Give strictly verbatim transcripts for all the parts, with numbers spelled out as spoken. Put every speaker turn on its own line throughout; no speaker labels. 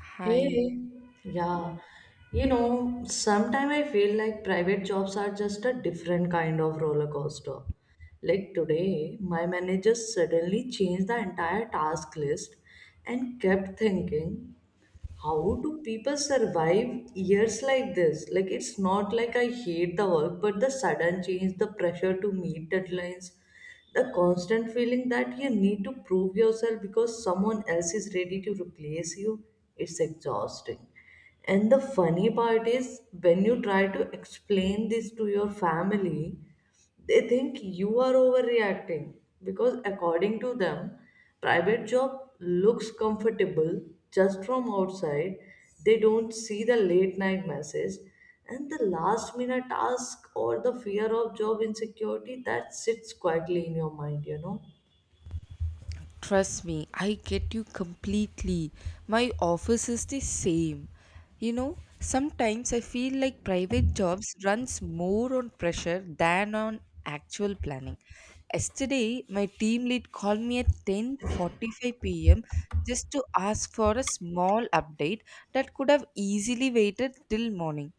Hi,
Hey, yeah. You know, sometimes I feel like private jobs are just a different kind of roller coaster. Like today, my manager suddenly changed the entire task list and kept thinking how do people survive years like this? Like, it's not like I hate the work, but the sudden change, the pressure to meet deadlines, the constant feeling that you need to prove yourself because someone else is ready to replace you, it's exhausting. And the funny part is, when you try to explain this to your family, they think you are overreacting because according to them private job looks comfortable just from outside. They don't see the late night message and the last minute task or the fear of job insecurity that sits quietly in your mind, you know.
trust me, I get you completely. My office is the same. You know, sometimes I feel like private jobs runs more on pressure than on actual planning. Yesterday, my team lead called me at ten forty-five p m just to ask for a small update that could have easily waited till morning.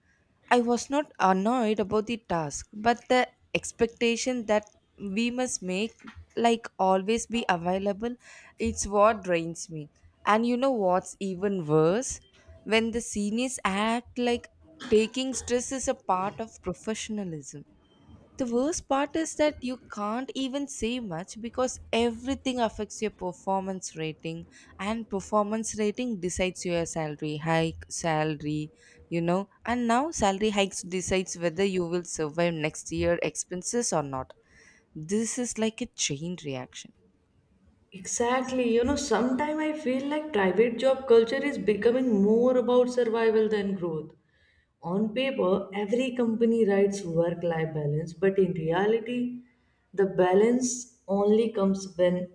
I was not annoyed about the task, but the expectation that we must make, like always be available, it's what drains me. And you know what's even worse? When the seniors act like taking stress is a part of professionalism, the worst part is that you can't even say much because everything affects your performance rating, and performance rating decides your salary hike, salary, you know. And now salary hikes decides whether you will survive next year expenses or not. This is like a chain reaction.
Exactly. You know, sometimes I feel like private job culture is becoming more about survival than growth. On paper, every company writes work life balance, but in reality, the balance only comes when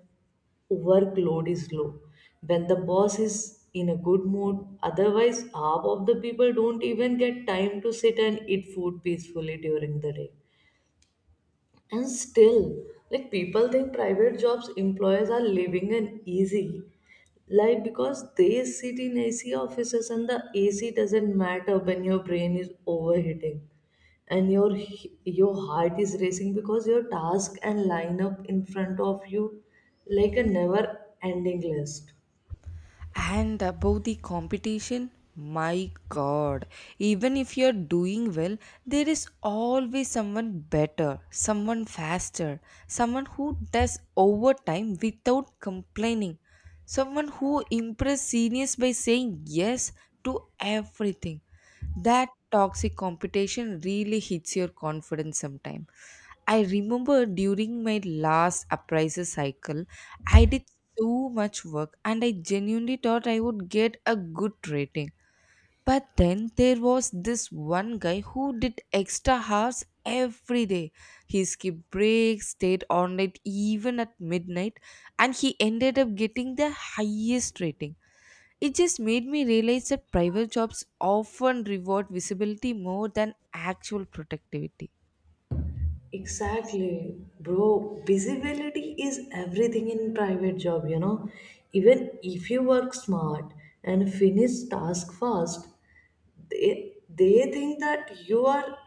workload is low, when the boss is in a good mood. Otherwise, half of the people don't even get time to sit and eat food peacefully during the day. And still, like, people think private jobs employers are living an easy life because they sit in A C offices, and the A C doesn't matter when your brain is overheating and your your heart is racing because your task and lineup in front of you like a never ending list.
And about the competition, my god, even if you're doing well, there is always someone better, someone faster, someone who does overtime without complaining, someone who impress seniors by saying yes to everything. That toxic competition really hits your confidence sometime. I remember during my last appraiser cycle, I did too much work and I genuinely thought I would get a good rating. But then there was this one guy who did extra hours every day. He skipped breaks, stayed on late even at midnight, and he ended up getting the highest rating. It just made me realize that private jobs often reward visibility more than actual productivity.
Exactly, bro. Visibility is everything in private job, you know. Even if you work smart and finish task fast, they they think that you are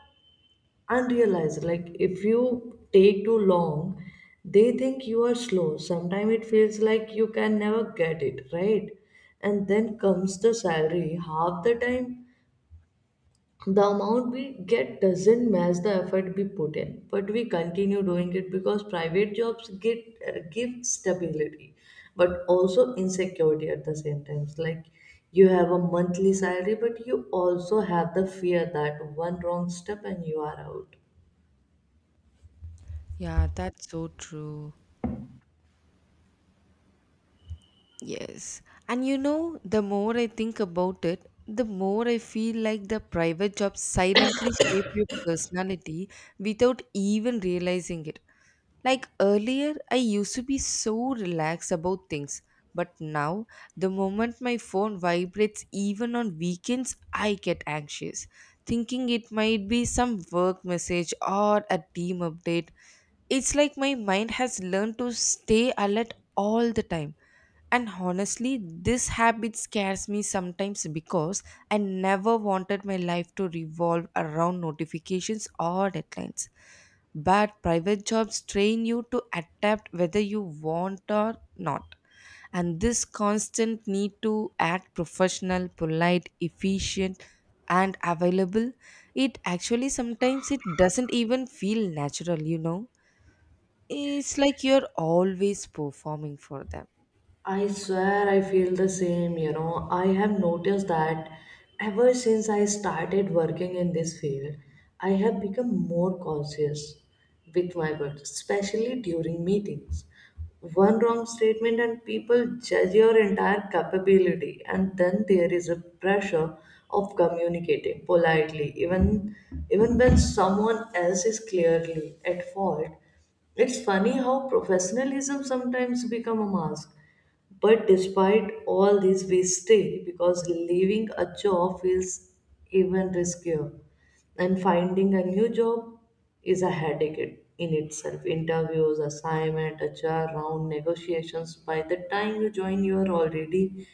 unrealized. Like if you take too long, they think you are slow. Sometimes it feels like you can never get it, right? And then comes the salary. Half the time the amount we get doesn't match the effort we put in, but we continue doing it because private jobs get uh, give stability but also insecurity at the same time. It's like you have a monthly salary but you also have the fear that one wrong step and you are out.
Yeah, that's so true. Yes. And you know, the more I think about it, the more I feel like the private jobs silently shape your personality without even realizing it. Like earlier, I used to be so relaxed about things, but now, the moment my phone vibrates, even on weekends, I get anxious, thinking it might be some work message or a team update. It's like my mind has learned to stay alert all the time, and honestly, this habit scares me sometimes because I never wanted my life to revolve around notifications or deadlines. But private jobs train you to adapt whether you want or not. And this constant need to act professional, polite, efficient, and available, it actually sometimes it doesn't even feel natural, you know. It's like you're always performing for them.
I swear I feel the same, you know. I have noticed that ever since I started working in this field, I have become more cautious with my words, especially during meetings. One wrong statement and people judge your entire capability, and then there is a pressure of communicating politely, even even when someone else is clearly at fault. It's funny how professionalism sometimes become a mask, but despite all this, we stay because leaving a job feels even riskier. And finding a new job is a headache it- in itself. Interviews, assignment, H R round, negotiations. By the time you join, you are already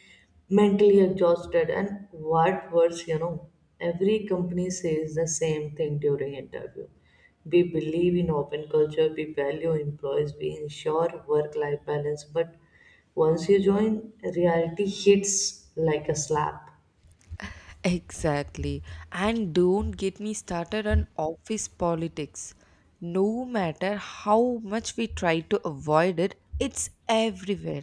mentally exhausted. And what worse, you know, every company says the same thing during interview: we believe in open culture, we value employees, we ensure work life balance. But once you join, reality hits like a slap.
Exactly. And don't get me started on office politics. No matter how much we try to avoid it, it's everywhere.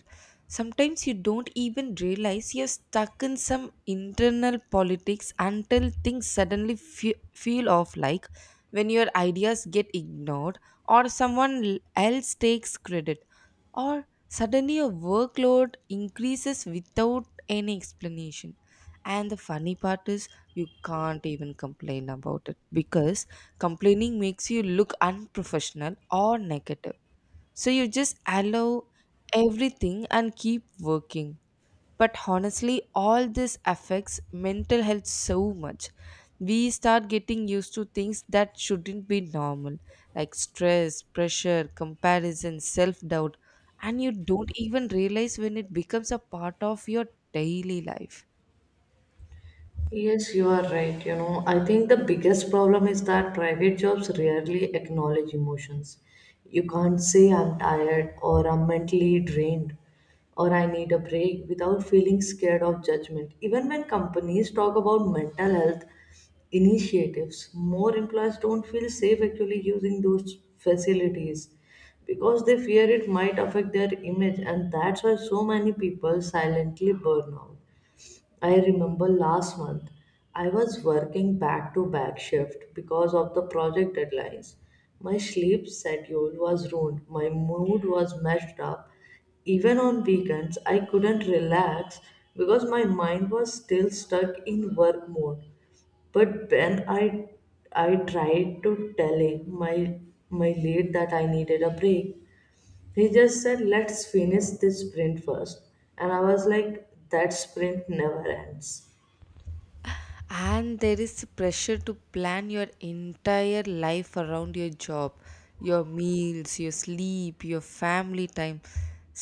Sometimes you don't even realize you're stuck in some internal politics until things suddenly fe- feel off, like when your ideas get ignored, or someone l- else takes credit, or suddenly your workload increases without any explanation. And the funny part is you can't even complain about it, because complaining makes you look unprofessional or negative, so you just allow everything and keep working. But honestly, all this affects mental health so much. We start getting used to things that shouldn't be normal, like stress, pressure, comparison, self doubt, and you don't even realize when it becomes a part of your daily life.
Yes, you are right. You know, I think the biggest problem is that private jobs rarely acknowledge emotions. You can't say I'm tired or I'm mentally drained or I need a break without feeling scared of judgment. Even when companies talk about mental health initiatives, more employers don't feel safe actually using those facilities because they fear it might affect their image, and that's why so many people silently burn out. I remember last month I was working back to back shift because of the project deadlines. My sleep schedule was ruined, my mood was messed up. Even on weekends, I couldn't relax because my mind was still stuck in work mode. But when I I tried to tell him my my lead that I needed a break, he just said, "Let's finish this sprint first," and I was like, "That sprint never ends."
And there is pressure to plan your entire life around your job, your meals, your sleep, your family time.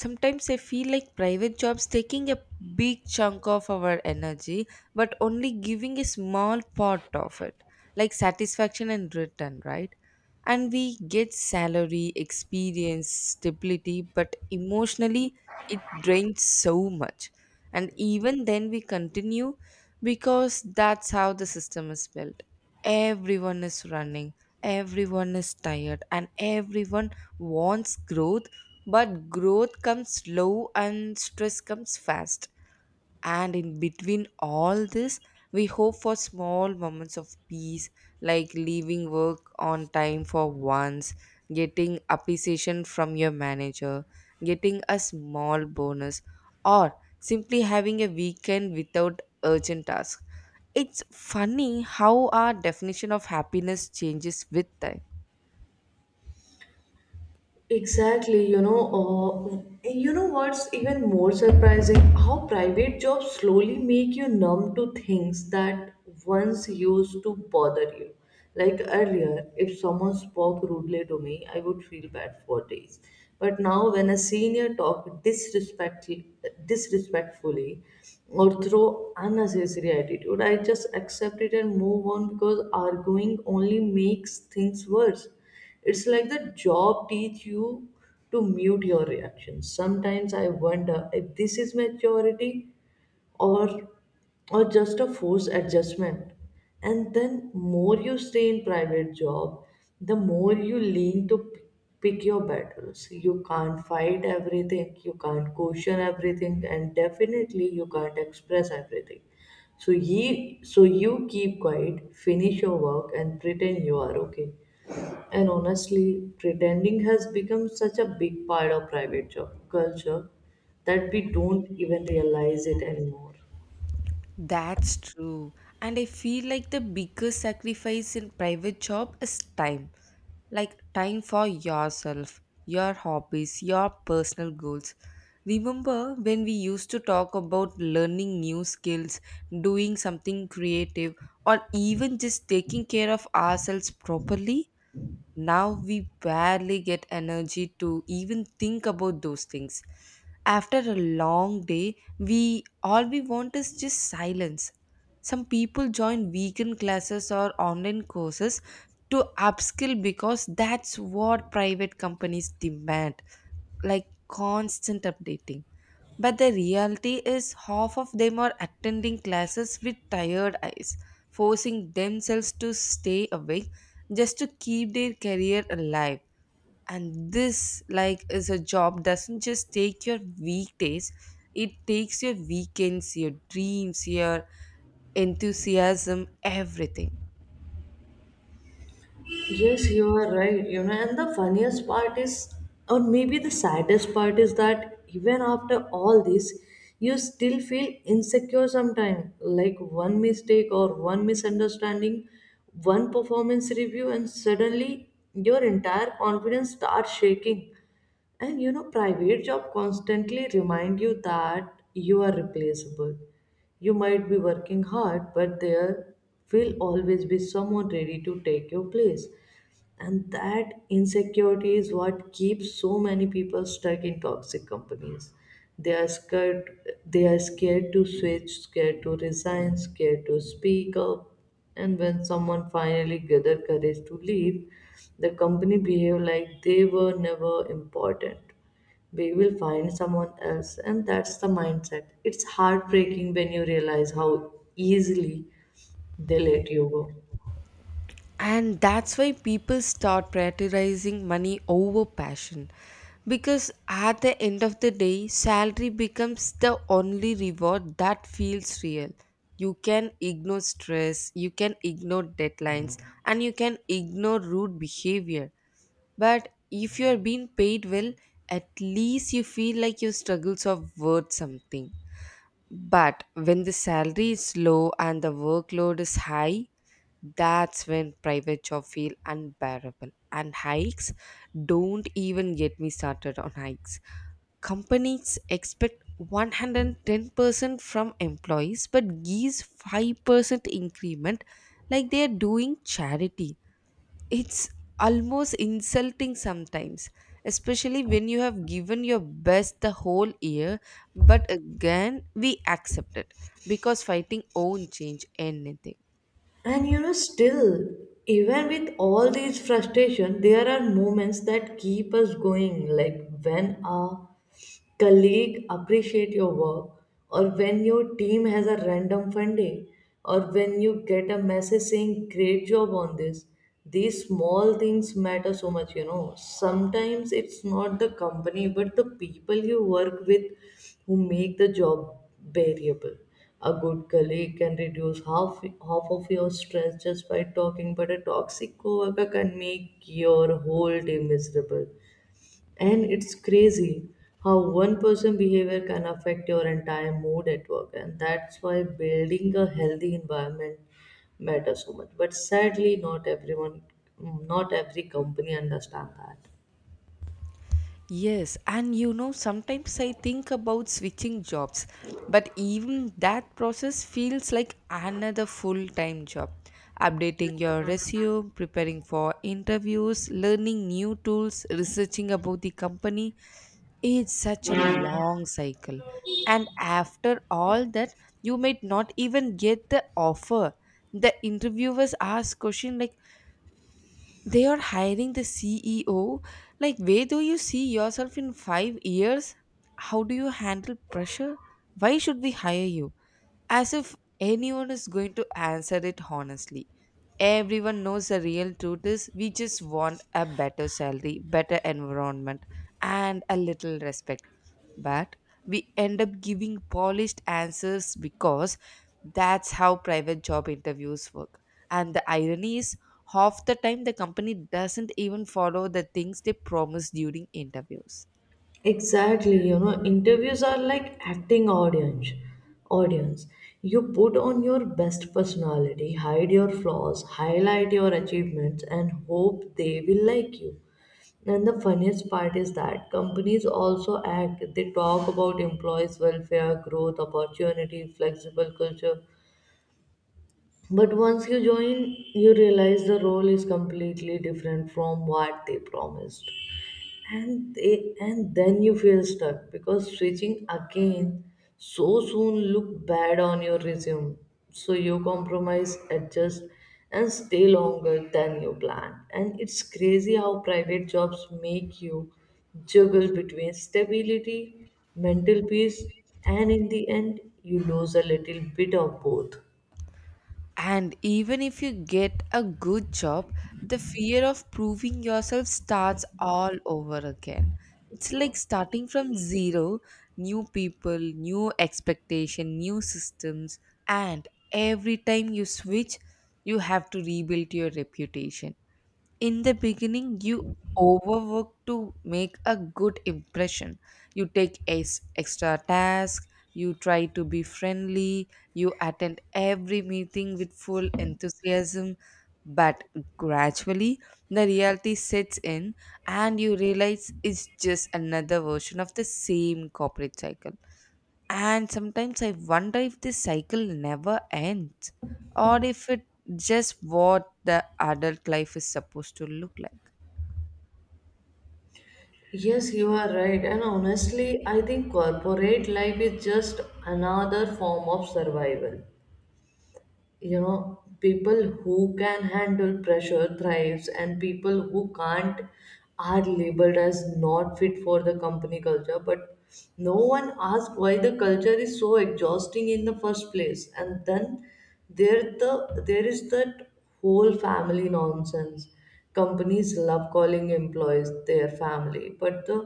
Sometimes I feel like private jobs taking a big chunk of our energy, but only giving a small part of it, like satisfaction and return, right? And we get salary, experience, stability, but emotionally it drains so much. And even then we continue because that's how the system is built. Everyone is running, everyone is tired, and everyone wants growth, but growth comes slow and stress comes fast. And in between all this, we hope for small moments of peace, like leaving work on time for once, getting appreciation from your manager, getting a small bonus, or simply having a weekend without urgent tasks. It's funny how our definition of happiness changes with time.
Exactly, you know, uh, you know what's even more surprising? How private jobs slowly make you numb to things that once used to bother you. Like earlier, if someone spoke rudely to me, I would feel bad for days. But now, when a senior talk disrespect, disrespectfully or throw unnecessary attitude, I just accept it and move on because arguing only makes things worse. It's like the job teach you to mute your reactions. Sometimes I wonder if this is maturity or or just a forced adjustment. And then more you stay in private job, the more you lean to p- pick your battles. You can't fight everything, you can't question everything, and definitely you can't express everything. So ye so you keep quiet, finish your work and pretend you are okay. And honestly, pretending has become such a big part of private job culture that we don't even realize it anymore.
That's true. And I feel like the biggest sacrifice in private job is time. Like time for yourself, your hobbies, your personal goals. Remember when we used to talk about learning new skills, doing something creative, or even just taking care of ourselves properly? Now we barely get energy to even think about those things. After a long day, we all we want is just silence. Some people join weekend classes or online courses to upskill because that's what private companies demand, like constant updating. But the reality is, half of them are attending classes with tired eyes, forcing themselves to stay awake just to keep their career alive. And this, like, is a job doesn't just take your weekdays, it takes your weekends, your dreams, your enthusiasm, everything.
Yes, you are right. You know, and the funniest part is, or maybe the saddest part is that even after all this, you still feel insecure sometimes. Like one mistake or one misunderstanding, one performance review, and suddenly your entire confidence starts shaking. And you know, private job constantly remind you that you are replaceable. You might be working hard, but there will always be someone ready to take your place. And that insecurity is what keeps so many people stuck in toxic companies. They are scared they are scared to switch, scared to resign, scared to speak up. And when someone finally gathers courage to leave, the company behave like they were never important. We will find someone else, and that's the mindset. It's heartbreaking when you realize how easily they let you go.
And that's why people start prioritizing money over passion, because at the end of the day salary becomes the only reward that feels real. You can ignore stress, you can ignore deadlines, and you can ignore rude behavior, but if you are being paid well, at least you feel like your struggles are worth something. But when the salary is low and the workload is high, that's when private job feel unbearable. And hikes, don't even get me started on hikes. Companies expect one hundred ten percent from employees but gives five percent increment like they are doing charity. It's almost insulting sometimes, especially when you have given your best the whole year, but again we accept it because fighting won't change anything.
And you know, still, even with all these frustration, there are moments that keep us going, like when a colleague appreciate your work, or when your team has a random fun day, or when you get a message saying great job on this. These small things matter so much, you know. Sometimes it's not the company, but the people you work with who make the job bearable. A good colleague can reduce half, half of your stress just by talking, but a toxic coworker can make your whole day miserable. And it's crazy how one person behavior can affect your entire mood at work, and that's why building a healthy environment matters so much. But sadly, not everyone, not every company understand that.
Yes, and you know sometimes I think about switching jobs, but even that process feels like another full-time job. Updating your resume, preparing for interviews, learning new tools, researching about the company. It's such a long cycle. And after all that, you might not even get the offer. The interviewers ask question like they are hiring the C E O. Like where do you see yourself in five years? How do you handle pressure? Why should we hire you? As if anyone is going to answer it honestly. Everyone knows the real truth is we just want a better salary, better environment, and a little respect. But we end up giving polished answers because that's how private job interviews work. And the irony is, half the time the company doesn't even follow the things they promise during interviews.
Exactly, you know, interviews are like acting audience. Audience, you put on your best personality, hide your flaws, highlight your achievements, and hope they will like you. And the funniest part is that companies also act, they talk about employees' welfare, growth, opportunity, flexible culture. But once you join, you realize the role is completely different from what they promised. And they, and then you feel stuck because switching again so soon look bad on your resume, so you compromise, adjust, and stay longer than you planned. And it's crazy how private jobs make you juggle between stability, mental peace, and in the end you lose a little bit of both.
And even if you get a good job, the fear of proving yourself starts all over again. It's like starting from zero, new people, new expectation, new systems, and every time you switch, you have to rebuild your reputation. In the beginning you overwork to make a good impression, you take ex- extra tasks, you try to be friendly, you attend every meeting with full enthusiasm, but gradually the reality sets in and you realize it's just another version of the same corporate cycle. And sometimes I wonder if this cycle never ends, or if it just what the adult life is supposed to look like.
Yes, you are right. And honestly, I think corporate life is just another form of survival. You know, people who can handle pressure thrives and people who can't are labeled as not fit for the company culture, but no one asked why the culture is so exhausting in the first place. And then there the there is that whole family nonsense. Companies love calling employees their family, but the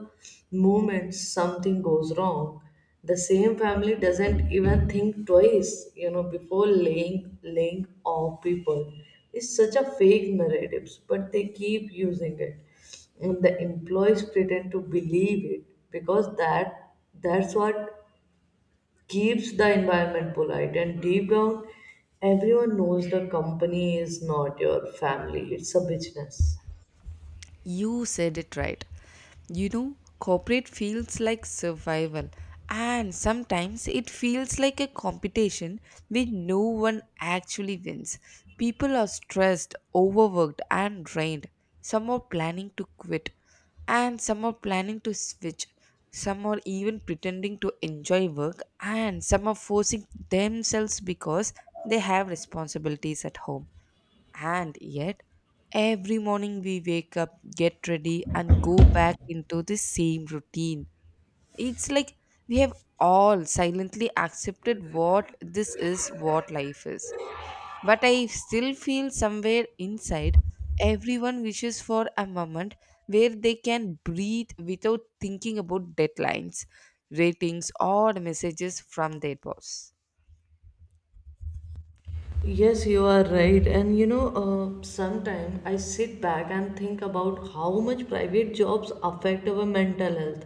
moment something goes wrong, the same family doesn't even think twice, you know, before laying laying off people. It's such a fake narratives, but they keep using it and the employees pretend to believe it because that that's what keeps the environment polite. And deep down, everyone knows the company is not your family, it's a business.
You said it right. You know, corporate feels like survival, and sometimes it feels like a competition where no one actually wins. People are stressed, overworked, and drained. Some are planning to quit, and some are planning to switch. Some are even pretending to enjoy work, and some are forcing themselves because they have responsibilities at home. And yet, every morning we wake up, get ready, and go back into the same routine. It's like we have all silently accepted what this is, what life is. But I still feel somewhere inside, everyone wishes for a moment where they can breathe without thinking about deadlines, ratings, or messages from their boss.
Yes, you are right. And you know, uh, sometimes I sit back and think about how much private jobs affect our mental health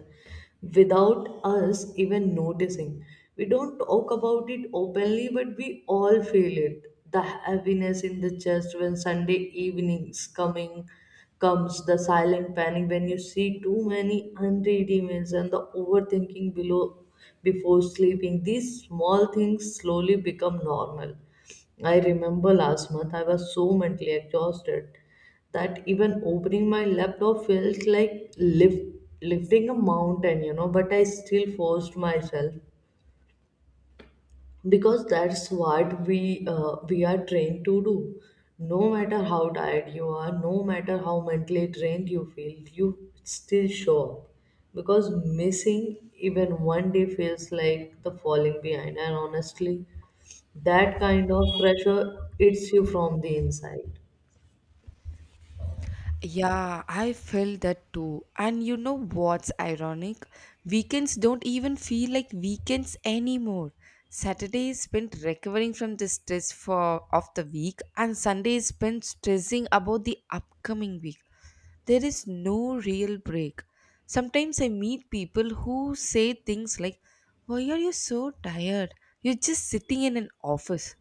without us even noticing. We don't talk about it openly, but we all feel it. The heaviness in the chest when Sunday evenings coming comes, the silent panic when you see too many unread emails and the overthinking below before sleeping. These small things slowly become normal. I remember last month I was so mentally exhausted that even opening my laptop felt like lift, lifting a mountain, you know. But I still forced myself because that's what we uh, we are trained to do. No matter how tired you are, no matter how mentally drained you feel, you still show up because missing even one day feels like the falling behind. And honestly, that kind of pressure eats you from the inside.
Yeah, I feel that too. And you know what's ironic? Weekends don't even feel like weekends anymore. Saturday is spent recovering from the stress for of the week, and Sunday is spent stressing about the upcoming week. There is no real break. Sometimes I meet people who say things like, why are you so tired? You're just sitting in an office,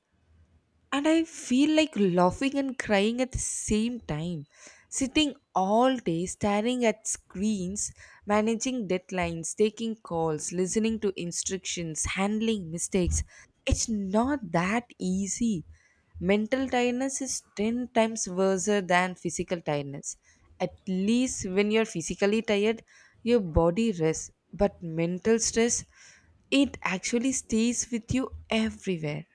and I feel like laughing and crying at the same time. Sitting all day staring at screens, managing deadlines, taking calls, listening to instructions, handling mistakes. It's not that easy. Mental tiredness is ten times worse than physical tiredness. At least when you're physically tired, your body rests, but mental stress, it actually stays with you everywhere.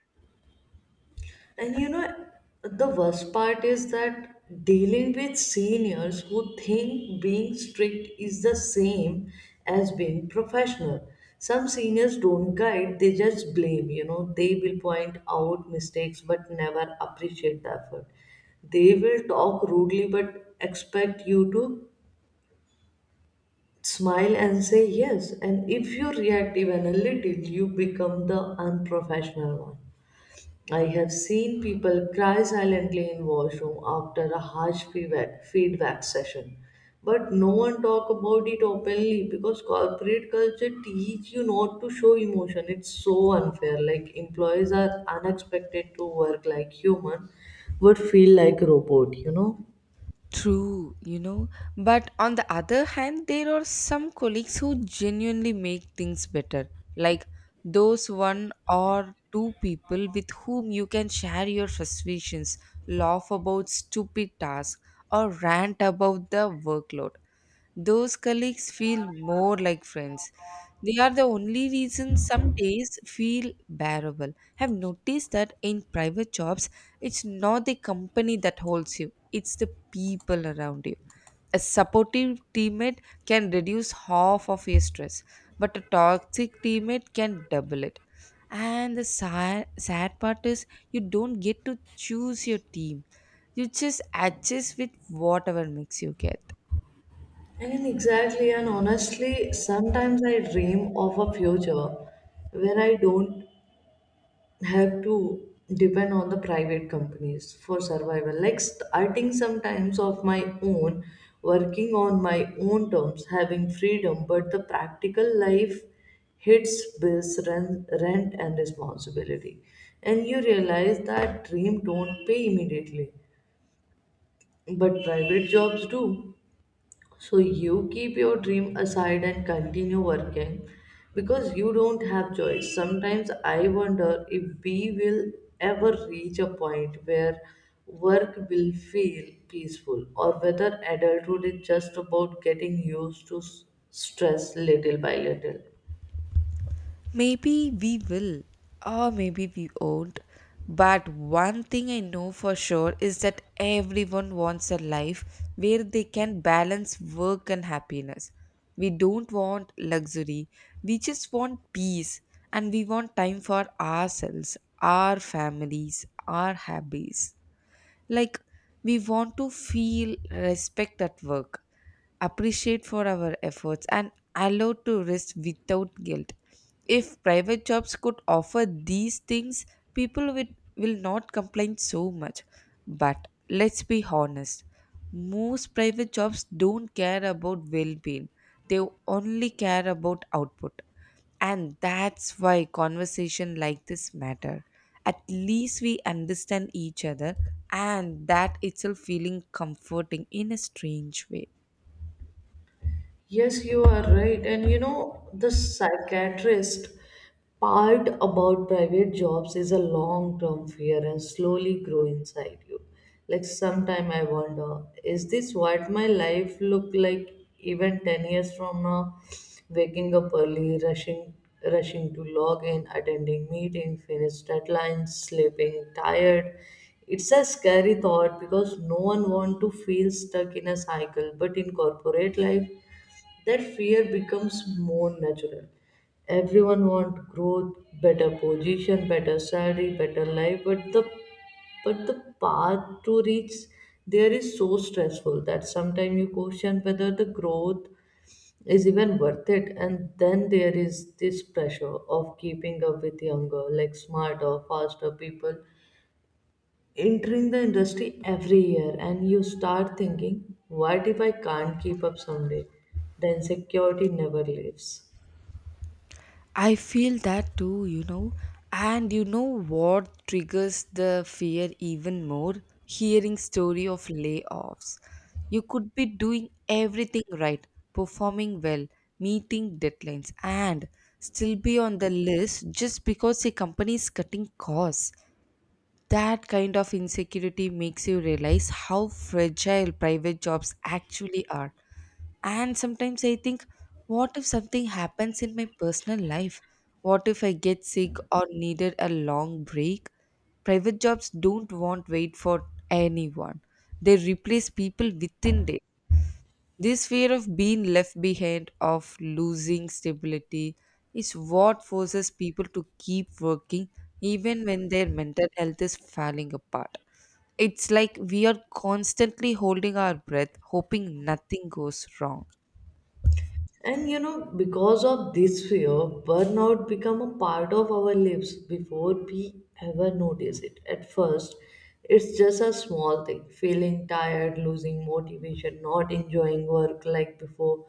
And you know, the worst part is that dealing with seniors who think being strict is the same as being professional. Some seniors don't guide, they just blame, you know, they will point out mistakes but never appreciate the effort. They will talk rudely but expect you to smile and say yes, and if you react even a little, you become the unprofessional one. I have seen people cry silently in washroom after a harsh feedback, feedback session, but no one talk about it openly because corporate culture teach you not to show emotion. It's so unfair. Like employees are unexpected to work like human, but feel like robot. You know.
True, you know. But on the other hand, there are some colleagues who genuinely make things better, like those one or two people with whom you can share your frustrations, laugh about stupid tasks, or rant about the workload. Those colleagues feel more like friends. They are the only reason some days feel bearable. Have noticed that in private jobs, it's not the company that holds you, it's the people around you. A supportive teammate can reduce half of your stress, but a toxic teammate can double it. And the sad, sad part is, you don't get to choose your team. You just adjust with whatever makes you get.
I mean, exactly, and honestly, sometimes I dream of a future where I don't have to depend on the private companies for survival. Like starting sometimes of my own, working on my own terms, having freedom, but the practical life hits bills, rent, rent and responsibility. And you realize that dream don't pay immediately, but private jobs do. So you keep your dream aside and continue working because you don't have choice. Sometimes I wonder if we will ever reach a point where work will feel peaceful or whether adulthood is just about getting used to s- stress little by little.
Maybe we will, or maybe we won't. But one thing I know for sure is that everyone wants a life where they can balance work and happiness. We don't want luxury, we just want peace, and we want time for ourselves, our families, our hobbies. Like, we want to feel respect at work, appreciate for our efforts, and allowed to rest without guilt. If private jobs could offer these things, people will, will not complain so much. But let's be honest, most private jobs don't care about well being, they only care about output. And that's why conversation like this matter. At least we understand each other, and that itself feeling comforting in a strange way.
Yes, you are right. And you know, the psychiatrist part about private jobs is a long term fear and slowly grow inside you. Like sometime I wonder, is this what my life look like even ten years from now? Waking up early, rushing rushing to log in, attending meeting, finish deadlines, sleeping tired. It's a scary thought because no one want to feel stuck in a cycle, but in corporate life that fear becomes more natural. Everyone wants growth, better position, better salary, better life, but the but the path to reach there is so stressful that sometimes you question whether the growth is even worth it, and then there is this pressure of keeping up with younger like smarter faster people entering the industry every year, and you start thinking, what if I can't keep up someday? The insecurity never leaves.
I feel that too, you know. And you know what triggers the fear even more? Hearing story of layoffs. You could be doing everything right, performing well, meeting deadlines, and still be on the list just because a company is cutting costs. That kind of insecurity makes you realize how fragile private jobs actually are. And sometimes I think, what if something happens in my personal life? What if I get sick or needed a long break? Private jobs don't want wait for anyone. They replace people within days. This fear of being left behind, of losing stability, is what forces people to keep working even when their mental health is falling apart. It's like we are constantly holding our breath, hoping nothing goes wrong.
And you know, because of this fear, burnout become a part of our lives before we ever notice it. At first, it's just a small thing, feeling tired, losing motivation, not enjoying work like before.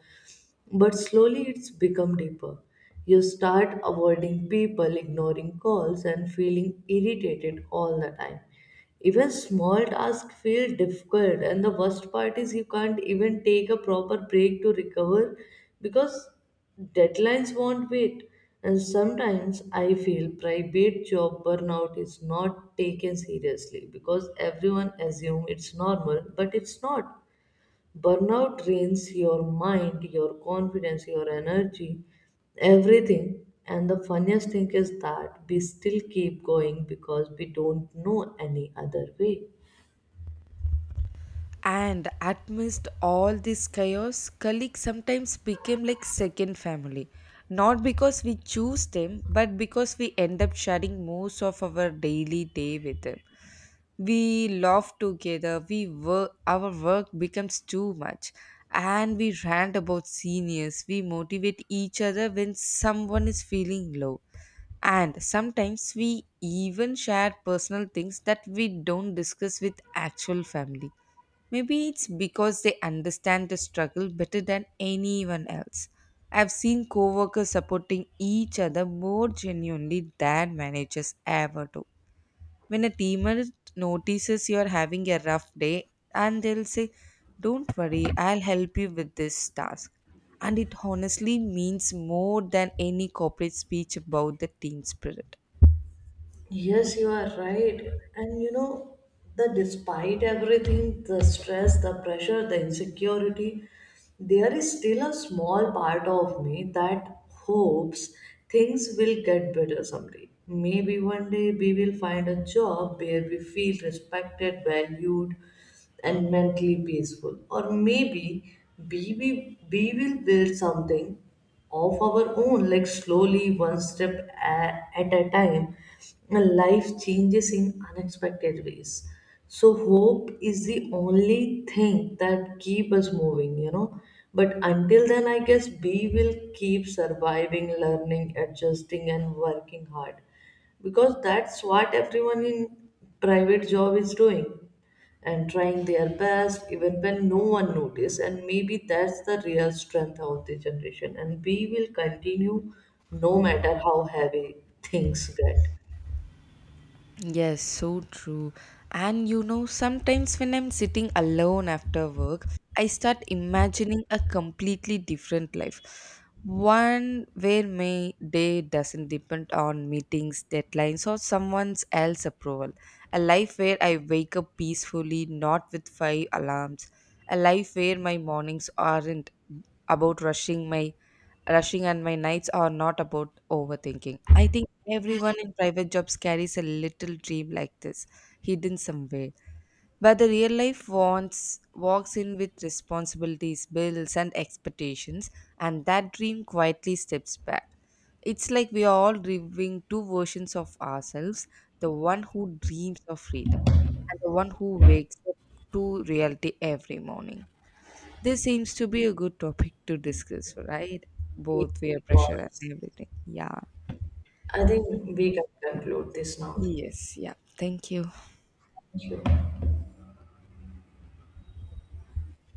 But slowly it's become deeper. You start avoiding people, ignoring calls, and feeling irritated all the time. Even small tasks feel difficult, and the worst part is you can't even take a proper break to recover because deadlines won't wait. And sometimes I feel private job burnout is not taken seriously because everyone assumes it's normal, but it's not. Burnout drains your mind, your confidence, your energy, everything. And the funniest thing is that we still keep going because we don't know any other way.
And amidst all this chaos, colleagues sometimes became like second family. Not because we choose them, but because we end up sharing most of our daily day with them. We laugh together, we work our work becomes too much. And we rant about seniors, we motivate each other when someone is feeling low. And sometimes we even share personal things that we don't discuss with actual family. Maybe it's because they understand the struggle better than anyone else. I've seen coworkers supporting each other more genuinely than managers ever do. When a teammate notices you're having a rough day, and they'll say, "Don't worry, I'll help you with this task." And it honestly means more than any corporate speech about the team spirit.
Yes, you are right. And you know, the despite everything, the stress, the pressure, the insecurity, there is still a small part of me that hopes things will get better someday. Maybe one day we will find a job where we feel respected, valued, and mentally peaceful. Or maybe we, we, we will build something of our own, like slowly, one step a- at a time. Life changes in unexpected ways. So hope is the only thing that keep us moving, you know. But until then, I guess we will keep surviving, learning, adjusting, and working hard because that's what everyone in private job is doing and trying their best even when no one notices, and maybe that's the real strength of the generation, and we will continue no matter how heavy things get.
Yes, so true. And you know, sometimes when I'm sitting alone after work, I start imagining a completely different life. One where my day doesn't depend on meetings, deadlines, or someone else's approval. A life where I wake up peacefully, not with five alarms. A life where my mornings aren't about rushing my rushing and my nights are not about overthinking. I think everyone in private jobs carries a little dream like this, hidden somewhere. But the real life wants walks in with responsibilities, bills, and expectations, and that dream quietly steps back. It's like we are all living two versions of ourselves, the one who dreams of freedom, and the one who wakes up to reality every morning. This seems to be a good topic to discuss, right? Both we are pressured
Yes.
and everything. Yeah.
I think we can conclude this now.
Yes, yeah. Thank you.
Thank you.